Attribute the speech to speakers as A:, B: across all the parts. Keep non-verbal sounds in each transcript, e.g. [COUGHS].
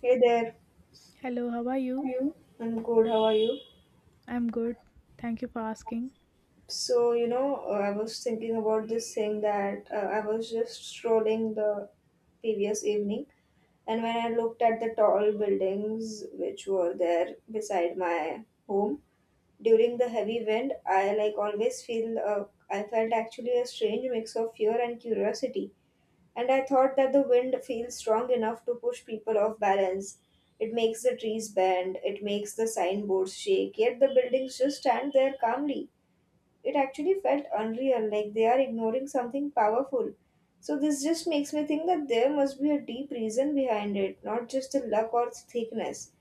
A: Hey there.
B: Hello, how are
A: How are
B: you?
A: you? I'm good. How are you?
B: I'm good. Thank you for asking.
A: I was thinking about this thing that I was just strolling the previous evening, and when I looked at the tall buildings which were there beside my home during the heavy wind, I like always feel I felt actually a strange mix of fear and curiosity. And I thought that the wind feels strong enough to push people off balance. It makes the trees bend, it makes the signboards shake, yet the buildings just stand there calmly. It actually felt unreal, like they are ignoring something powerful. So this just makes me think that there must be a deep reason behind it, not just the luck or thickness.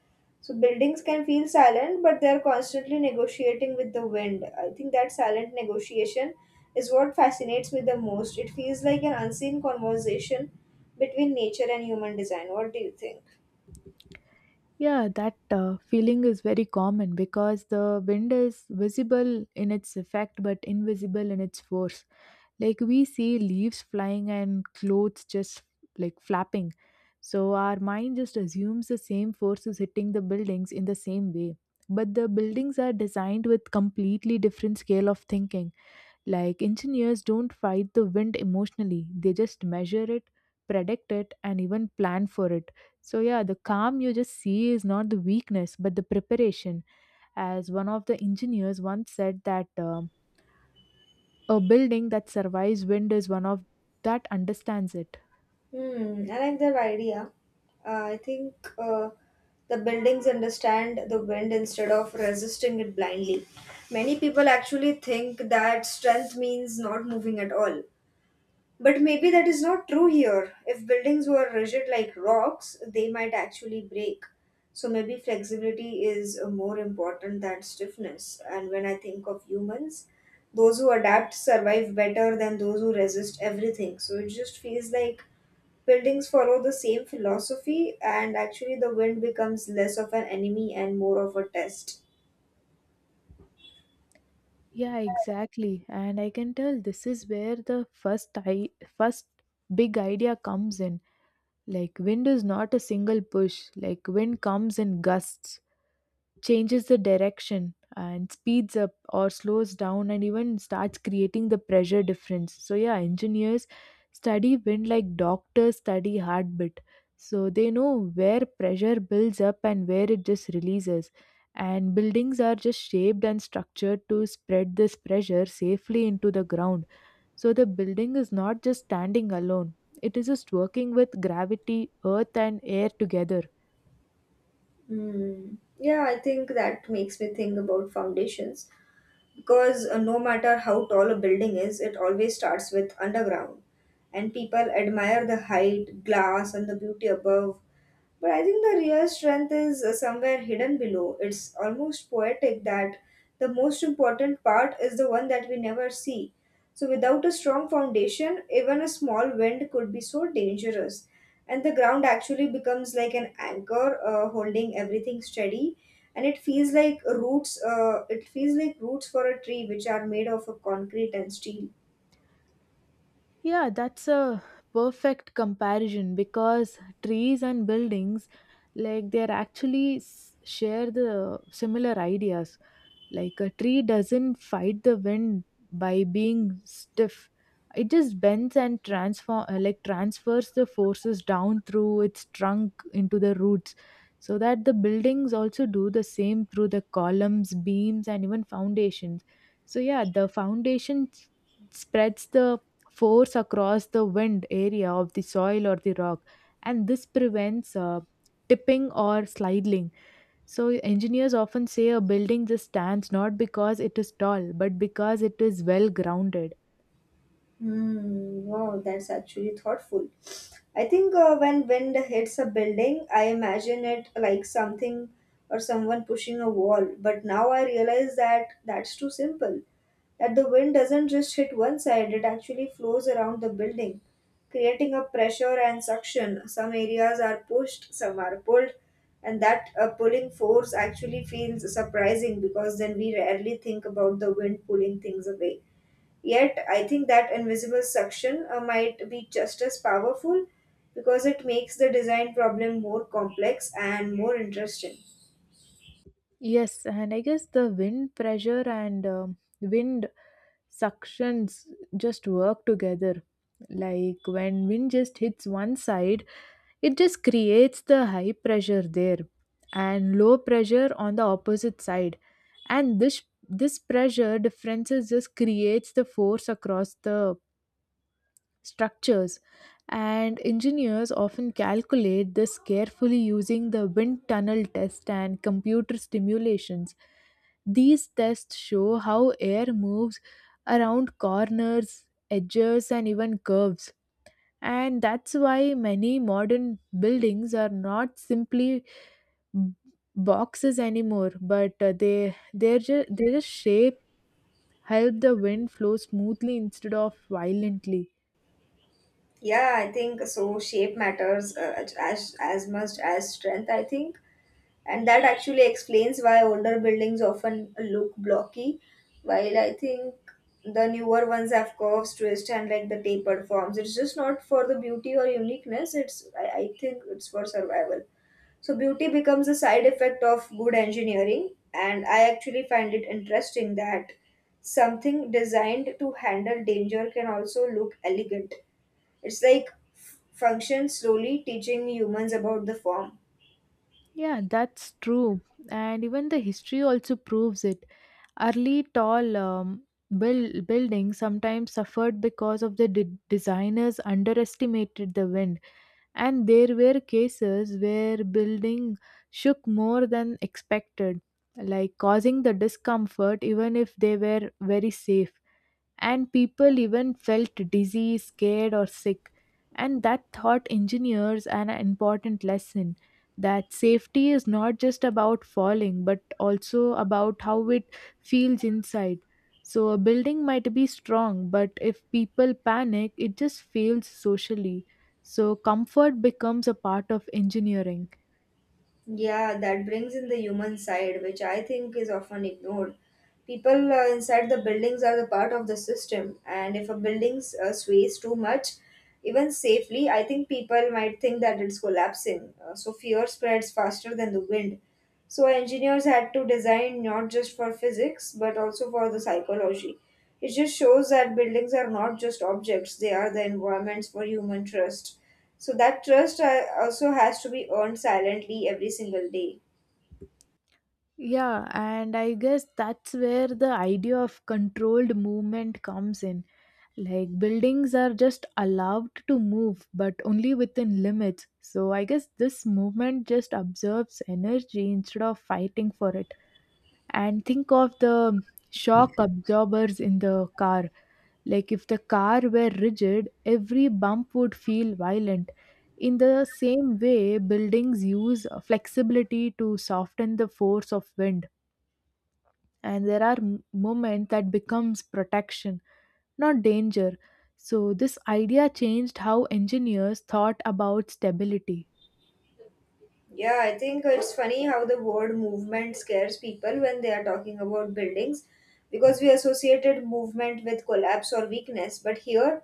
A: So buildings can feel silent, but they're constantly negotiating with the wind. I think that silent negotiation is what fascinates me the most. It feels like an unseen conversation between nature and human design. What do you think?
B: Yeah, that feeling is very common because the wind is visible in its effect but invisible in its force. Like we see leaves flying and clothes just like flapping. So our mind just assumes the same force is hitting the buildings in the same way. But the buildings are designed with completely different scale of thinking. Like engineers don't fight the wind emotionally, they just measure it, predict it, and even plan for it. So, yeah, the calm you just see is not the weakness, but the preparation. As one of the engineers once said, that a building that survives wind is one of that understands it.
A: Hmm, I like that idea. I think the buildings understand the wind instead of resisting it blindly. Many people actually think that strength means not moving at all. But maybe that is not true here. If buildings were rigid like rocks, they might actually break. So maybe flexibility is more important than stiffness. And when I think of humans, those who adapt survive better than those who resist everything. So it just feels like buildings follow the same philosophy, and actually, the wind becomes less of an enemy and more of a test.
B: Yeah, exactly. And I can tell this is where the first big idea comes in. Like wind is not a single push. Like wind comes in gusts, changes the direction and speeds up or slows down and even starts creating the pressure difference. So yeah, engineers study wind like doctors study heartbeat, so they know where pressure builds up and where it just releases, and buildings are just shaped and structured to spread this pressure safely into the ground. So the building is not just standing alone, it is just working with gravity, earth and air together.
A: Hmm. Yeah, I think that makes me think about foundations because no matter how tall a building is, it always starts with underground. And people admire the height, glass, and the beauty above, but I think the real strength is somewhere hidden below. It's almost poetic that the most important part is the one that we never see. So, without a strong foundation, even a small wind could be so dangerous. And the ground actually becomes like an anchor, holding everything steady. And it feels like roots for a tree which are made of a concrete and steel.
B: Yeah, that's a perfect comparison because trees and buildings, like they're actually share the similar ideas. Like a tree doesn't fight the wind by being stiff. It just bends and transform like transfers the forces down through its trunk into the roots. So that the buildings also do the same through the columns, beams and even foundations. So yeah, the spreads the force across the wind area of the soil or the rock, and this prevents tipping or sliding. So engineers often say a building just stands not because it is tall, but because it is well grounded.
A: Hmm, wow, that's actually thoughtful. I think when wind hits a building, I imagine it like something or someone pushing a wall. But now I realize that that's too simple. That the wind doesn't just hit one side, it actually flows around the building, creating a pressure and suction. Some areas are pushed, some are pulled, and that pulling force actually feels surprising because then we rarely think about the wind pulling things away. Yet, I think that invisible suction might be just as powerful because it makes the design problem more complex and more interesting.
B: Yes, and I guess the wind pressure and wind suctions just work together. Like when wind just hits one side, it just creates the high pressure there and low pressure on the opposite side. And this pressure differences just creates the force across the structures, and engineers often calculate this carefully using the wind tunnel test and computer simulations. These tests show how air moves around corners, edges and even curves, and that's why many modern buildings are not simply b- boxes anymore, but they're just, their shape help the wind flow smoothly instead of violently.
A: Yeah, I think so. Shape matters as much as strength, I think. And that actually explains why older buildings often look blocky, while I think the newer ones have curves, twists, and like the tapered forms. It's just not for the beauty or uniqueness, I think it's for survival. So beauty becomes a side effect of good engineering, and I actually find it interesting that something designed to handle danger can also look elegant. It's like function slowly teaching humans about the form.
B: Yeah, that's true. And even the history also proves it. Early tall buildings sometimes suffered because of the designers underestimated the wind. And there were cases where building shook more than expected, like causing the discomfort even if they were very safe, and people even felt dizzy, scared, or sick. And that taught engineers an important lesson that safety is not just about falling but also about how it feels inside. So, a building might be strong, but if people panic, it just fails socially. So, comfort becomes a part of engineering.
A: Yeah, that brings in the human side, which I think is often ignored. People inside the buildings are the part of the system, and if a building sways too much, even safely, I think people might think that it's collapsing. So fear spreads faster than the wind. So engineers had to design not just for physics but also for the psychology. It just shows that buildings are not just objects, they are the environments for human trust. So that trust also has to be earned silently every single day.
B: Yeah, and I guess that's where the idea of controlled movement comes in. Like buildings are just allowed to move, but only within limits. So I guess this movement just absorbs energy instead of fighting for it. And think of the shock absorbers in the car. Like if the car were rigid, every bump would feel violent. In the same way, buildings use flexibility to soften the force of wind, and there are moments that becomes protection, not danger. So this idea changed how engineers thought about stability.
A: Yeah, I think it's funny how the word movement scares people when they are talking about buildings because we associated movement with collapse or weakness. But here,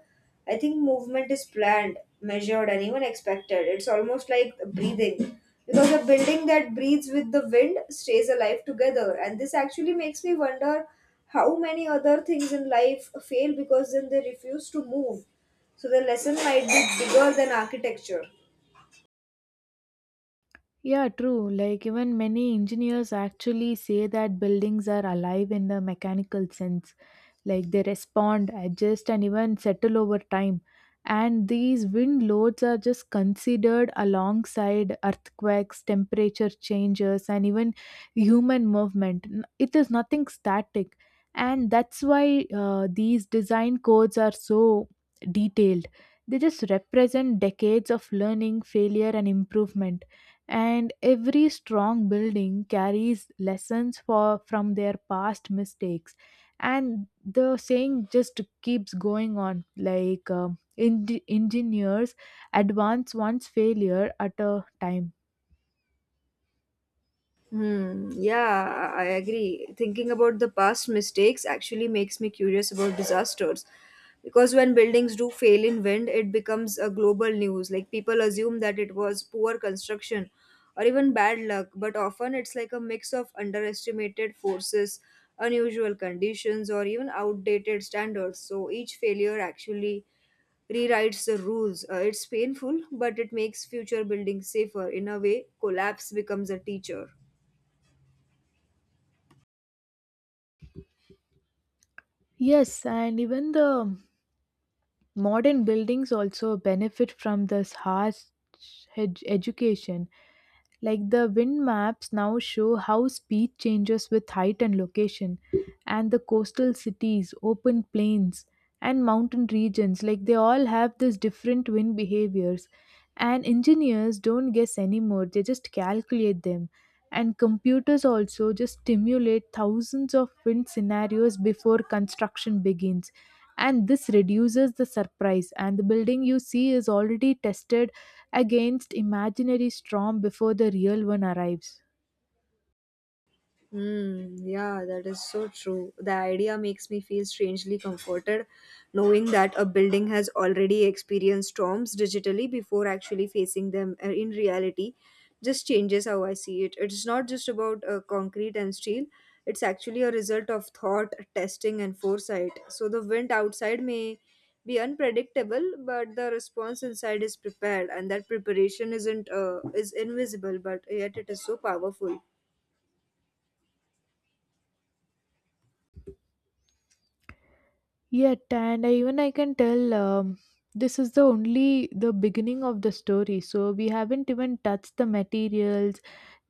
A: I think movement is planned, measured, and even expected. It's almost like breathing because a building that breathes with the wind stays alive together. And this actually makes me wonder how many other things in life fail because then they refuse to move. So the lesson might be bigger than architecture.
B: Yeah, true, like even many engineers actually say that buildings are alive in the mechanical sense. Like they respond, adjust and even settle over time, and these wind loads are just considered alongside earthquakes, temperature changes and even human movement. It is nothing static, and that's why these design codes are so detailed. They just represent decades of learning, failure and improvement, and every strong building carries lessons for from their past mistakes. And the saying just keeps going on like engineers advance one's failure at a time.
A: Hmm, yeah, I agree. Thinking about the past mistakes actually makes me curious about disasters. Because when buildings do fail in wind, it becomes a global news. Like people assume that it was poor construction or even bad luck, but often it's like a mix of underestimated forces, unusual conditions, or even outdated standards. So each failure actually rewrites the rules. It's painful, but it makes future buildings safer. In a way, collapse becomes a teacher.
B: Yes, and even the modern buildings also benefit from this harsh education. Like the wind maps now show how speed changes with height and location, and the coastal cities, open plains, and mountain regions, like they all have these different wind behaviors. And engineers don't guess anymore, they just calculate them. And computers also just stimulate thousands of wind scenarios before construction begins, and this reduces the surprise. And the building you see is already tested against imaginary storm before the real one arrives.
A: Mm, yeah, that is so true. The idea makes me feel strangely comforted knowing that a building has already experienced storms digitally before actually facing them in reality. Just changes how I see it. It's not just about concrete and steel, it's actually a result of thought, testing, and foresight. So the wind outside may be unpredictable, but the response inside is prepared, and that preparation isn't is invisible, but yet it is so powerful.
B: Yet, and I, even I can tell this is the only the beginning of the story. So we haven't even touched the materials,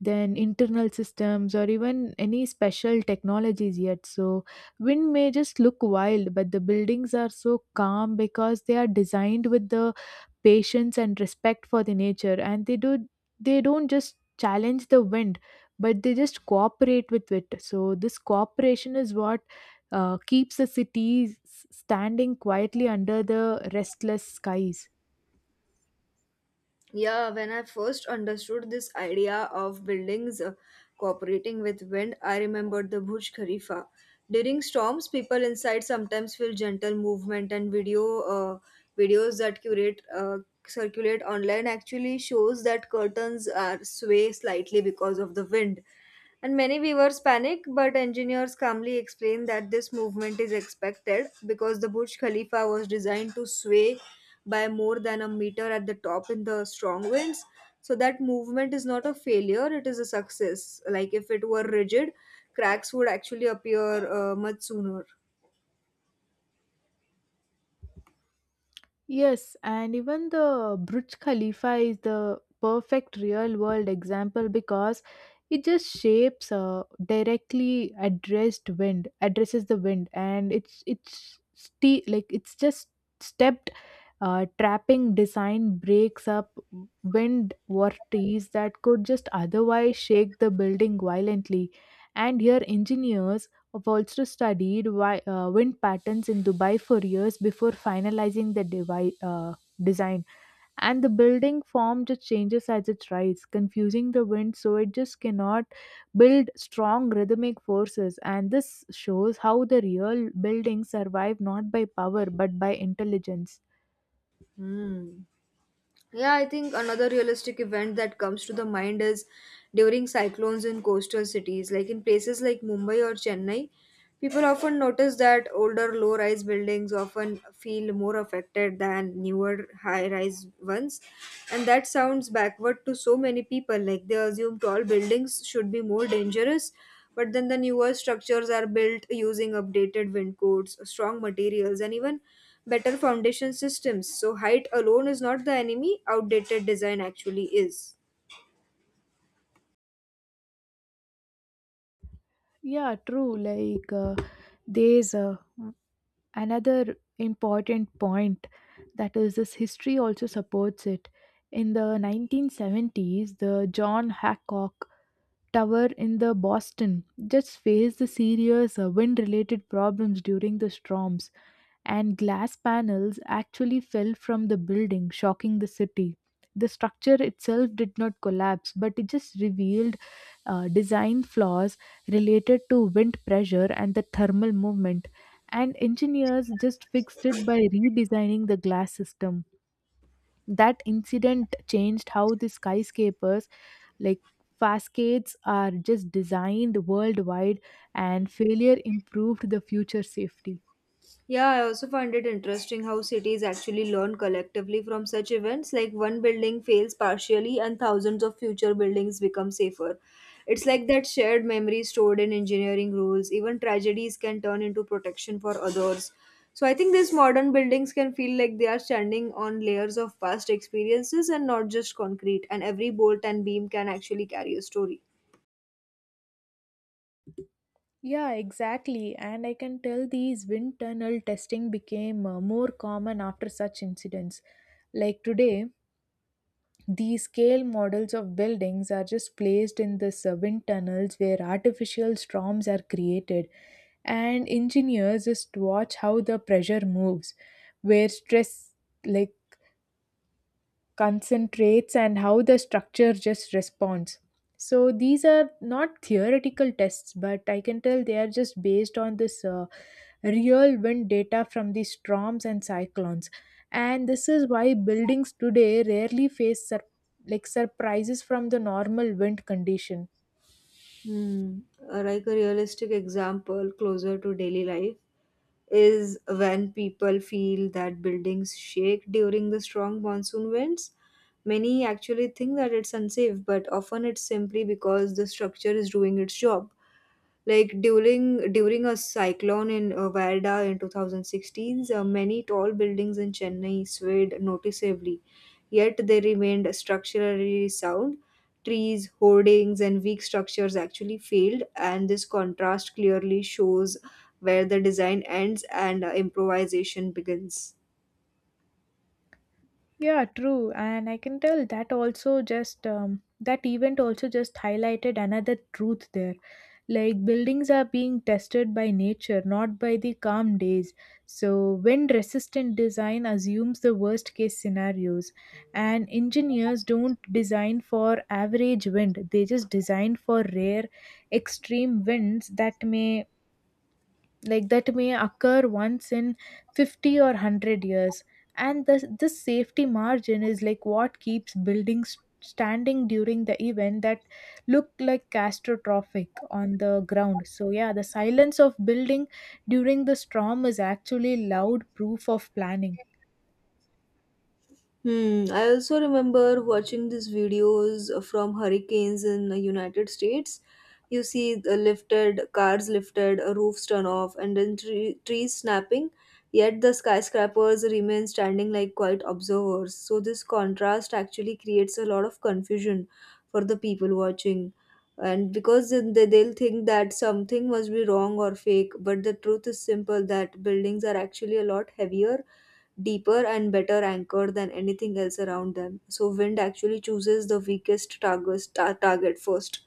B: then internal systems, or even any special technologies yet. So wind may just look wild, but the buildings are so calm because they are designed with the patience and respect for the nature, and they don't just challenge the wind, but they just cooperate with it. So this cooperation is what keeps the standing quietly under the restless skies.
A: Yeah, when I first understood this idea of buildings cooperating with wind, I remembered the Burj Khalifa. During storms, people inside sometimes feel gentle movement, and videos that curate circulate online actually shows that curtains are sway slightly because of the wind. And many viewers panic, but engineers calmly explain that this movement is expected because the Burj Khalifa was designed to sway by more than a meter at the top in the strong winds. So that movement is not a failure, it is a success. Like if it were rigid, cracks would actually appear much sooner.
B: Yes, and even the Burj Khalifa is the perfect real world example because it just shapes directly addressed wind addresses the wind, and like it's just stepped trapping design breaks up wind vortices that could just otherwise shake the building violently. And here, engineers have also studied why, wind patterns in Dubai for years before finalizing the design. And the building form just changes as it rises, confusing the wind so it just cannot build strong rhythmic forces. And this shows how the real buildings survive not by power but by intelligence.
A: Hmm. Yeah, I think another realistic event that comes to the mind is during cyclones in coastal cities, like in places like Mumbai or Chennai, people often notice that older low rise buildings often feel more affected than newer high rise ones. And that sounds backward to so many people, like they assume tall buildings should be more dangerous. But then the newer structures are built using updated wind codes, strong materials, and even better foundation systems. So height alone is not the enemy, outdated design actually is.
B: Yeah, true. Like, there's another important point that is, this history also supports it. In the 1970s, the John Hancock Tower in the Boston just faced the serious wind-related problems during the storms, and glass panels actually fell from the building, shocking the city. The structure itself did not collapse, but it just revealed design flaws related to wind pressure and the thermal movement. And engineers just fixed it by redesigning the glass system. That incident changed how the skyscrapers, like facades, are just designed worldwide, and failure improved the future safety.
A: Yeah, I also find it interesting how cities actually learn collectively from such events, like one building fails partially and thousands of future buildings become safer. It's like that shared memory stored in engineering rules. Even tragedies can turn into protection for others. So I think these modern buildings can feel like they are standing on layers of past experiences and not just concrete, and every bolt and beam can actually carry a story.
B: Yeah, exactly. And I can tell these wind tunnel testing became more common after such incidents. Like today, these scale models of buildings are just placed in this wind tunnels where artificial storms are created, and engineers just watch how the pressure moves, where stress like concentrates and how the structure just responds. So these are not theoretical tests, but I can tell they are just based on this real wind data from these storms and cyclones. And this is why buildings today rarely face like surprises from the normal wind condition.
A: Hmm. Like a realistic example closer to daily life is when people feel that buildings shake during the strong monsoon winds. Many actually think that it's unsafe, but often it's simply because the structure is doing its job. Like during a cyclone in Varda in 2016, many tall buildings in Chennai swayed noticeably, yet they remained structurally sound. Trees, hoardings, and weak structures actually failed, and this contrast clearly shows where the design ends and improvisation begins.
B: Yeah, true. And I can tell that also just that event also just highlighted another truth there. Like buildings are being tested by nature, not by the calm days. So, wind resistant design assumes the worst case scenarios, and engineers don't design for average wind, they just design for rare, extreme winds that may like that may occur once in 50 or 100 years. And this safety margin is like what keeps buildings standing during the event that look like catastrophic on the ground. So yeah, the silence of building during the storm is actually loud proof of planning.
A: Hmm, I also remember watching these videos from hurricanes in the United States. You see the lifted cars lifted, roofs turn off, and then trees snapping. Yet the skyscrapers remain standing like quiet observers. So this contrast actually creates a lot of confusion for the people watching, and because then they'll think that something must be wrong or fake. But the truth is simple: that buildings are actually a lot heavier, deeper and better anchored than anything else around them. So wind actually chooses the weakest target first.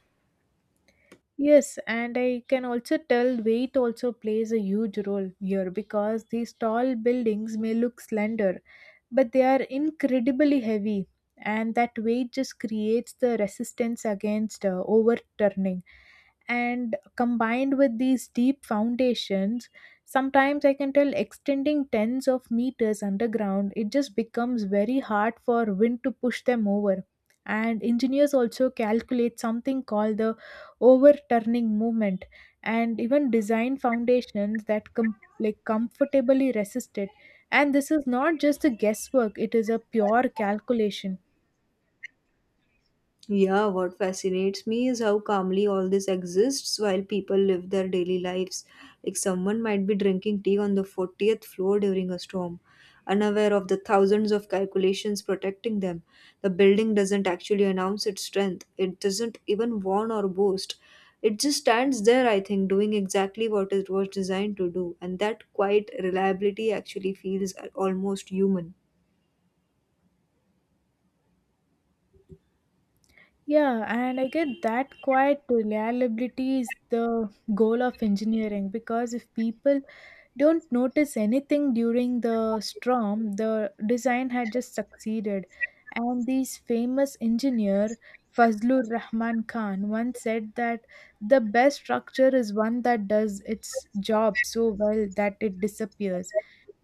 B: Yes, and I can also tell weight also plays a huge role here because these tall buildings may look slender, but they are incredibly heavy, and that weight just creates the resistance against overturning. And combined with these deep foundations, sometimes I can tell extending tens of meters underground, it just becomes very hard for wind to push them over. And engineers also calculate something called the overturning movement, and even design foundations that like comfortably resist it. And this is not just a guesswork, it is a pure calculation.
A: Yeah, what fascinates me is how calmly all this exists while people live their daily lives. Like someone might be drinking tea on the 40th floor during a storm, unaware of the thousands of calculations protecting them. The building doesn't actually announce its strength, it doesn't even warn or boast. It just stands there, I think, doing exactly what it was designed to do, and that quiet reliability actually feels almost human.
B: Yeah, and I get that quite reliability is the goal of engineering because if people don't notice anything during the storm, the design had just succeeded. And this famous engineer, Fazlur Rahman Khan, once said that the best structure is one that does its job so well that it disappears,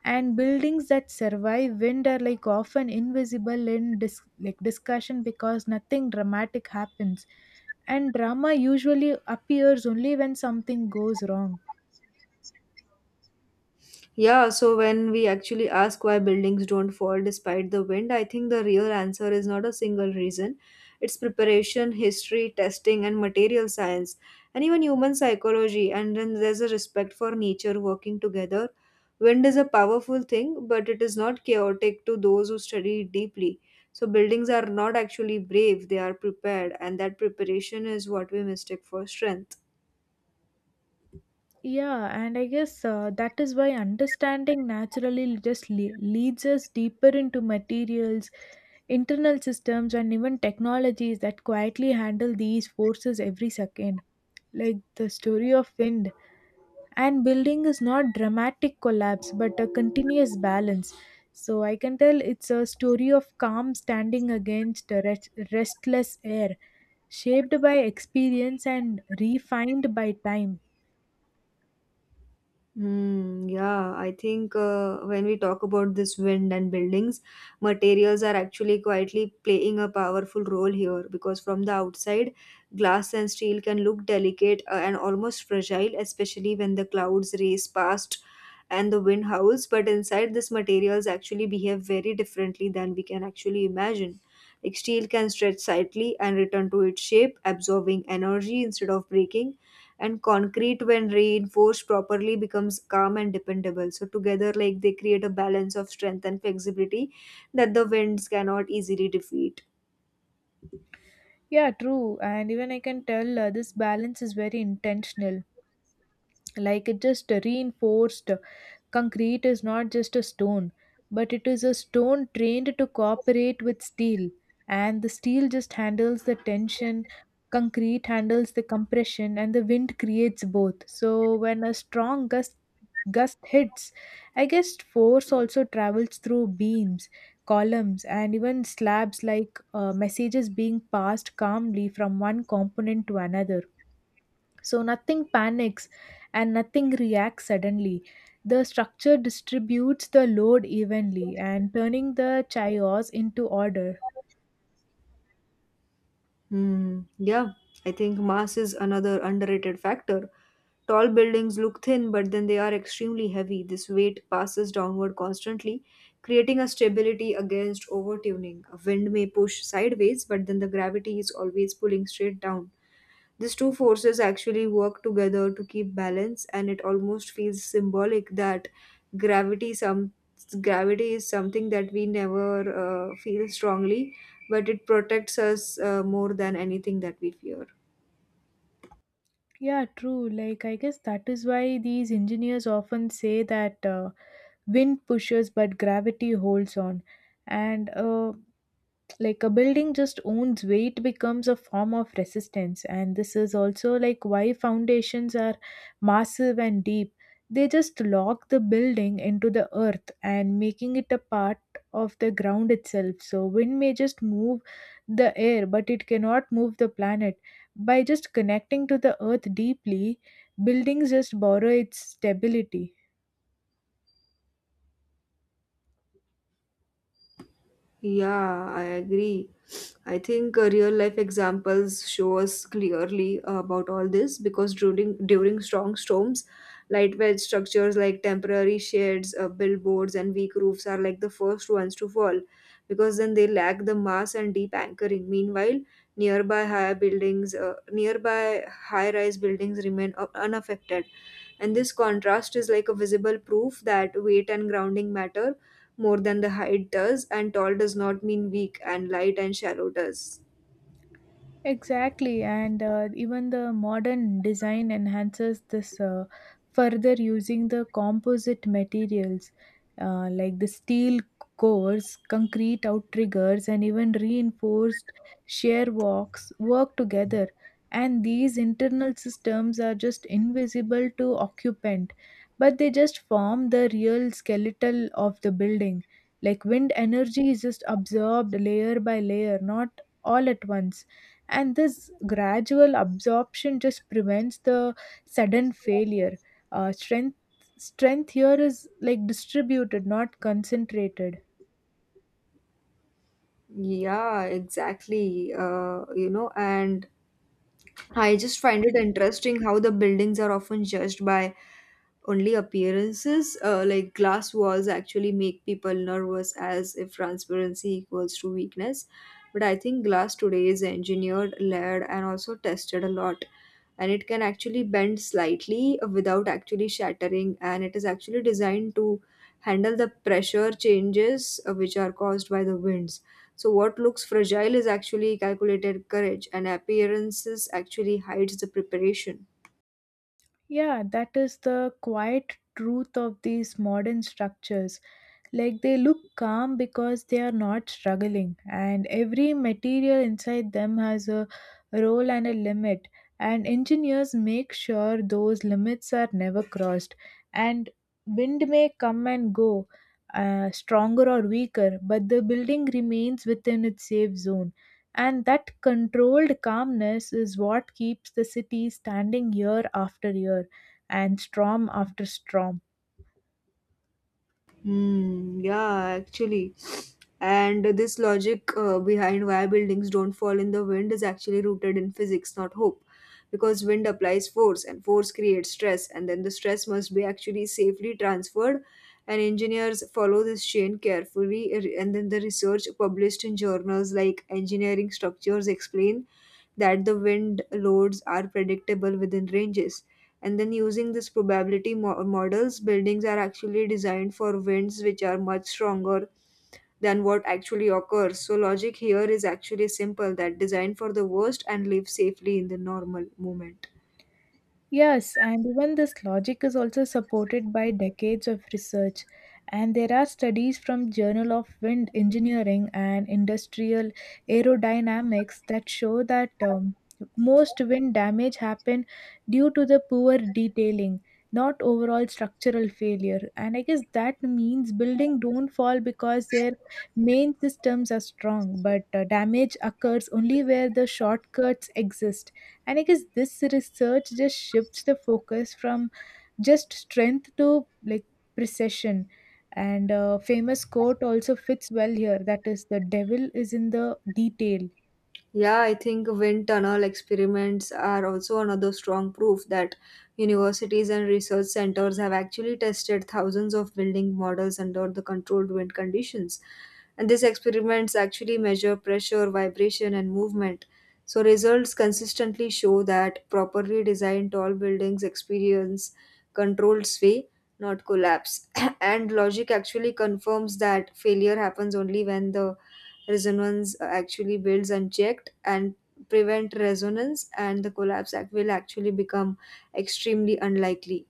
B: and buildings that survive wind are like often invisible in like discussion because nothing dramatic happens, and drama usually appears only when something goes wrong.
A: Yeah, so when we actually ask why buildings don't fall despite the wind, I think the real answer is not a single reason. It's preparation, history, testing, and material science, and even human psychology. And then there's a respect for nature working together. Wind is a powerful thing, but it is not chaotic to those who study it deeply. So buildings are not actually brave, they are prepared, and that preparation is what we mistake for strength.
B: Yeah, and I guess that is why understanding naturally just leads us deeper into materials, internal systems, and even technologies that quietly handle these forces every second. Like the story of wind and building is not dramatic collapse but a continuous balance, so I can tell it's a story of calm standing against a restless air, shaped by experience and refined by time.
A: Hmm, yeah, I think when we talk about this wind and buildings, materials are actually quietly playing a powerful role here because from the outside, glass and steel can look delicate and almost fragile, especially when the clouds race past and the wind howls. But inside, these materials actually behave very differently than we can actually imagine. Like steel can stretch slightly and return to its shape, absorbing energy instead of breaking, and concrete, when reinforced properly, becomes calm and dependable, so together, like, they create a balance of strength and flexibility that the winds cannot easily defeat.
B: Yeah, true, and even I can tell this balance is very intentional. Like it just reinforced concrete is not just a stone, but it is a stone trained to cooperate with steel. And the steel just handles the tension, concrete handles the compression, and the wind creates both. So when a strong gust hits, I guess force also travels through beams, columns, and even slabs like messages being passed calmly from one component to another. So nothing panics and nothing reacts suddenly. The structure distributes the load evenly and turning the chaos into order.
A: Hmm, yeah, I think mass is another underrated factor. Tall buildings look thin, but then they are extremely heavy. This weight passes downward constantly, creating a stability against overtuning. A wind may push sideways, but then the gravity is always pulling straight down. These two forces actually work together to keep balance, and it almost feels symbolic that gravity some gravity is something that we never feel strongly, but it protects us more than anything that we fear.
B: Yeah, true. Like, I guess that is why these engineers often say that wind pushes but gravity holds on. And like a building just owns weight becomes a form of resistance, and this is also like why foundations are massive and deep. They just lock the building into the earth and making it a part of the ground itself. So wind may just move the air, but it cannot move the planet. By just connecting to the earth deeply, buildings just borrow its stability.
A: Yeah, I agree. I think real life examples show us clearly about all this because during strong storms, lightweight structures like temporary sheds, billboards, and weak roofs are like the first ones to fall because then they lack the mass and deep anchoring. Meanwhile, nearby higher buildings, nearby high-rise buildings remain unaffected, and this contrast is like a visible proof that weight and grounding matter more than the height does, and tall does not mean weak, and light and shallow does.
B: Exactly, and even the modern design enhances this further using the composite materials, like the steel cores, concrete outriggers, and even reinforced shear walks work together. And these internal systems are just invisible to occupant, but they just form the real skeletal of the building. Like wind energy is just absorbed layer by layer, not all at once, and this gradual absorption just prevents the sudden failure. uh, strength strength here is like distributed, not concentrated.
A: Yeah, exactly. You know, and I just find it interesting how the buildings are often judged by only appearances. Like glass walls actually make people nervous as if transparency equals to weakness. But I think glass today is engineered, layered, and also tested a lot. And it can actually bend slightly without actually shattering. And it is actually designed to handle the pressure changes which are caused by the winds, so what looks fragile is actually calculated courage, and appearances actually hides the preparation.
B: Yeah, that is the quiet truth of these modern structures. Like they look calm because they are not struggling, and every material inside them has a role and a limit. And engineers make sure those limits are never crossed. And wind may come and go, stronger or weaker, but the building remains within its safe zone. And that controlled calmness is what keeps the city standing year after year and storm after storm.
A: Hmm. Yeah, actually. And this logic behind why buildings don't fall in the wind is actually rooted in physics, not hope. Because wind applies force, and force creates stress, and then the stress must be actually safely transferred. And engineers follow this chain carefully, and then the research published in journals like Engineering Structures explain that the wind loads are predictable within ranges, and then using this models, buildings are actually designed for winds which are much stronger than what actually occurs. So logic here is actually simple, that design for the worst and live safely in the normal moment.
B: Yes, and even this logic is also supported by decades of research. And there are studies from Journal of Wind Engineering and Industrial Aerodynamics that show that most wind damage happen due to the poor detailing, not overall structural failure. And I guess that means building don't fall because their main systems are strong, but damage occurs only where the shortcuts exist. And I guess this research just shifts the focus from just strength to like precision. And a famous quote also fits well here, that is, the devil is in the detail.
A: Yeah, I think wind tunnel experiments are also another strong proof that universities and research centers have actually tested thousands of building models under the controlled wind conditions. And these experiments actually measure pressure, vibration, and movement. So, results consistently show that properly designed tall buildings experience controlled sway, not collapse. [COUGHS] [CLEARS THROAT] And logic actually confirms that failure happens only when the resonance actually builds unchecked, and prevent resonance and the collapse act will actually become extremely unlikely.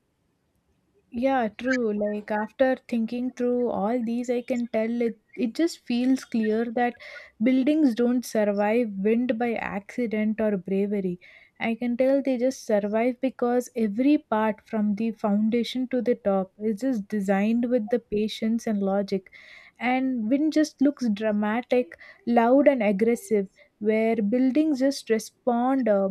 B: Yeah, true. Like after thinking through all these, I can tell it just feels clear that buildings don't survive wind by accident or bravery. I can tell they just survive because every part from the foundation to the top is just designed with the patience and logic. And wind just looks dramatic, loud, and aggressive, where buildings just respond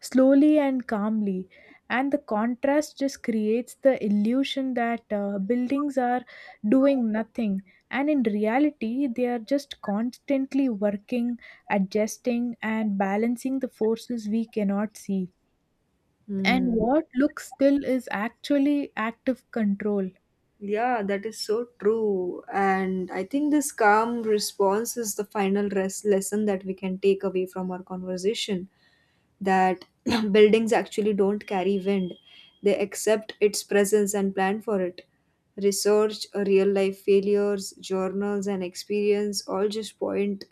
B: slowly and calmly. And the contrast just creates the illusion that buildings are doing nothing, and in reality they are just constantly working, adjusting, and balancing the forces we cannot see. And
A: Hmm.
B: what looks still is actually active control.
A: Yeah, that is so true, and I think this calm response is the final lesson that we can take away from our conversation, that [CLEARS THROAT] buildings actually don't carry wind, they accept its presence and plan for it. Research, real life failures, journals, and experience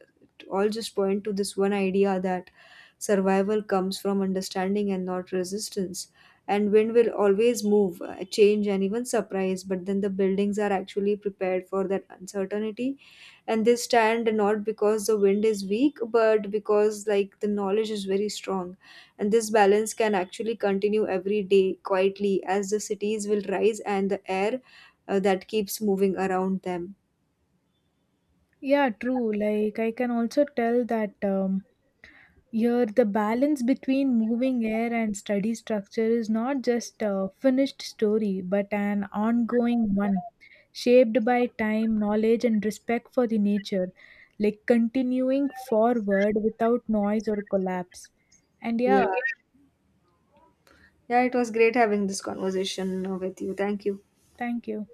A: all just point to this one idea, that survival comes from understanding and not resistance. And wind will always move, change, and even surprise. But then the buildings are actually prepared for that uncertainty, and they stand not because the wind is weak, but because, like, the knowledge is very strong. And this balance can actually continue every day quietly as the cities will rise and the air that keeps moving around them.
B: Yeah, true. Like, I can also tell that here, the balance between moving air and study structure is not just a finished story, but an ongoing one, shaped by time, knowledge, and respect for the nature, like continuing forward without noise or collapse. And
A: Yeah.
B: yeah,
A: Yeah, it was great having this conversation with you. Thank you.
B: thank you.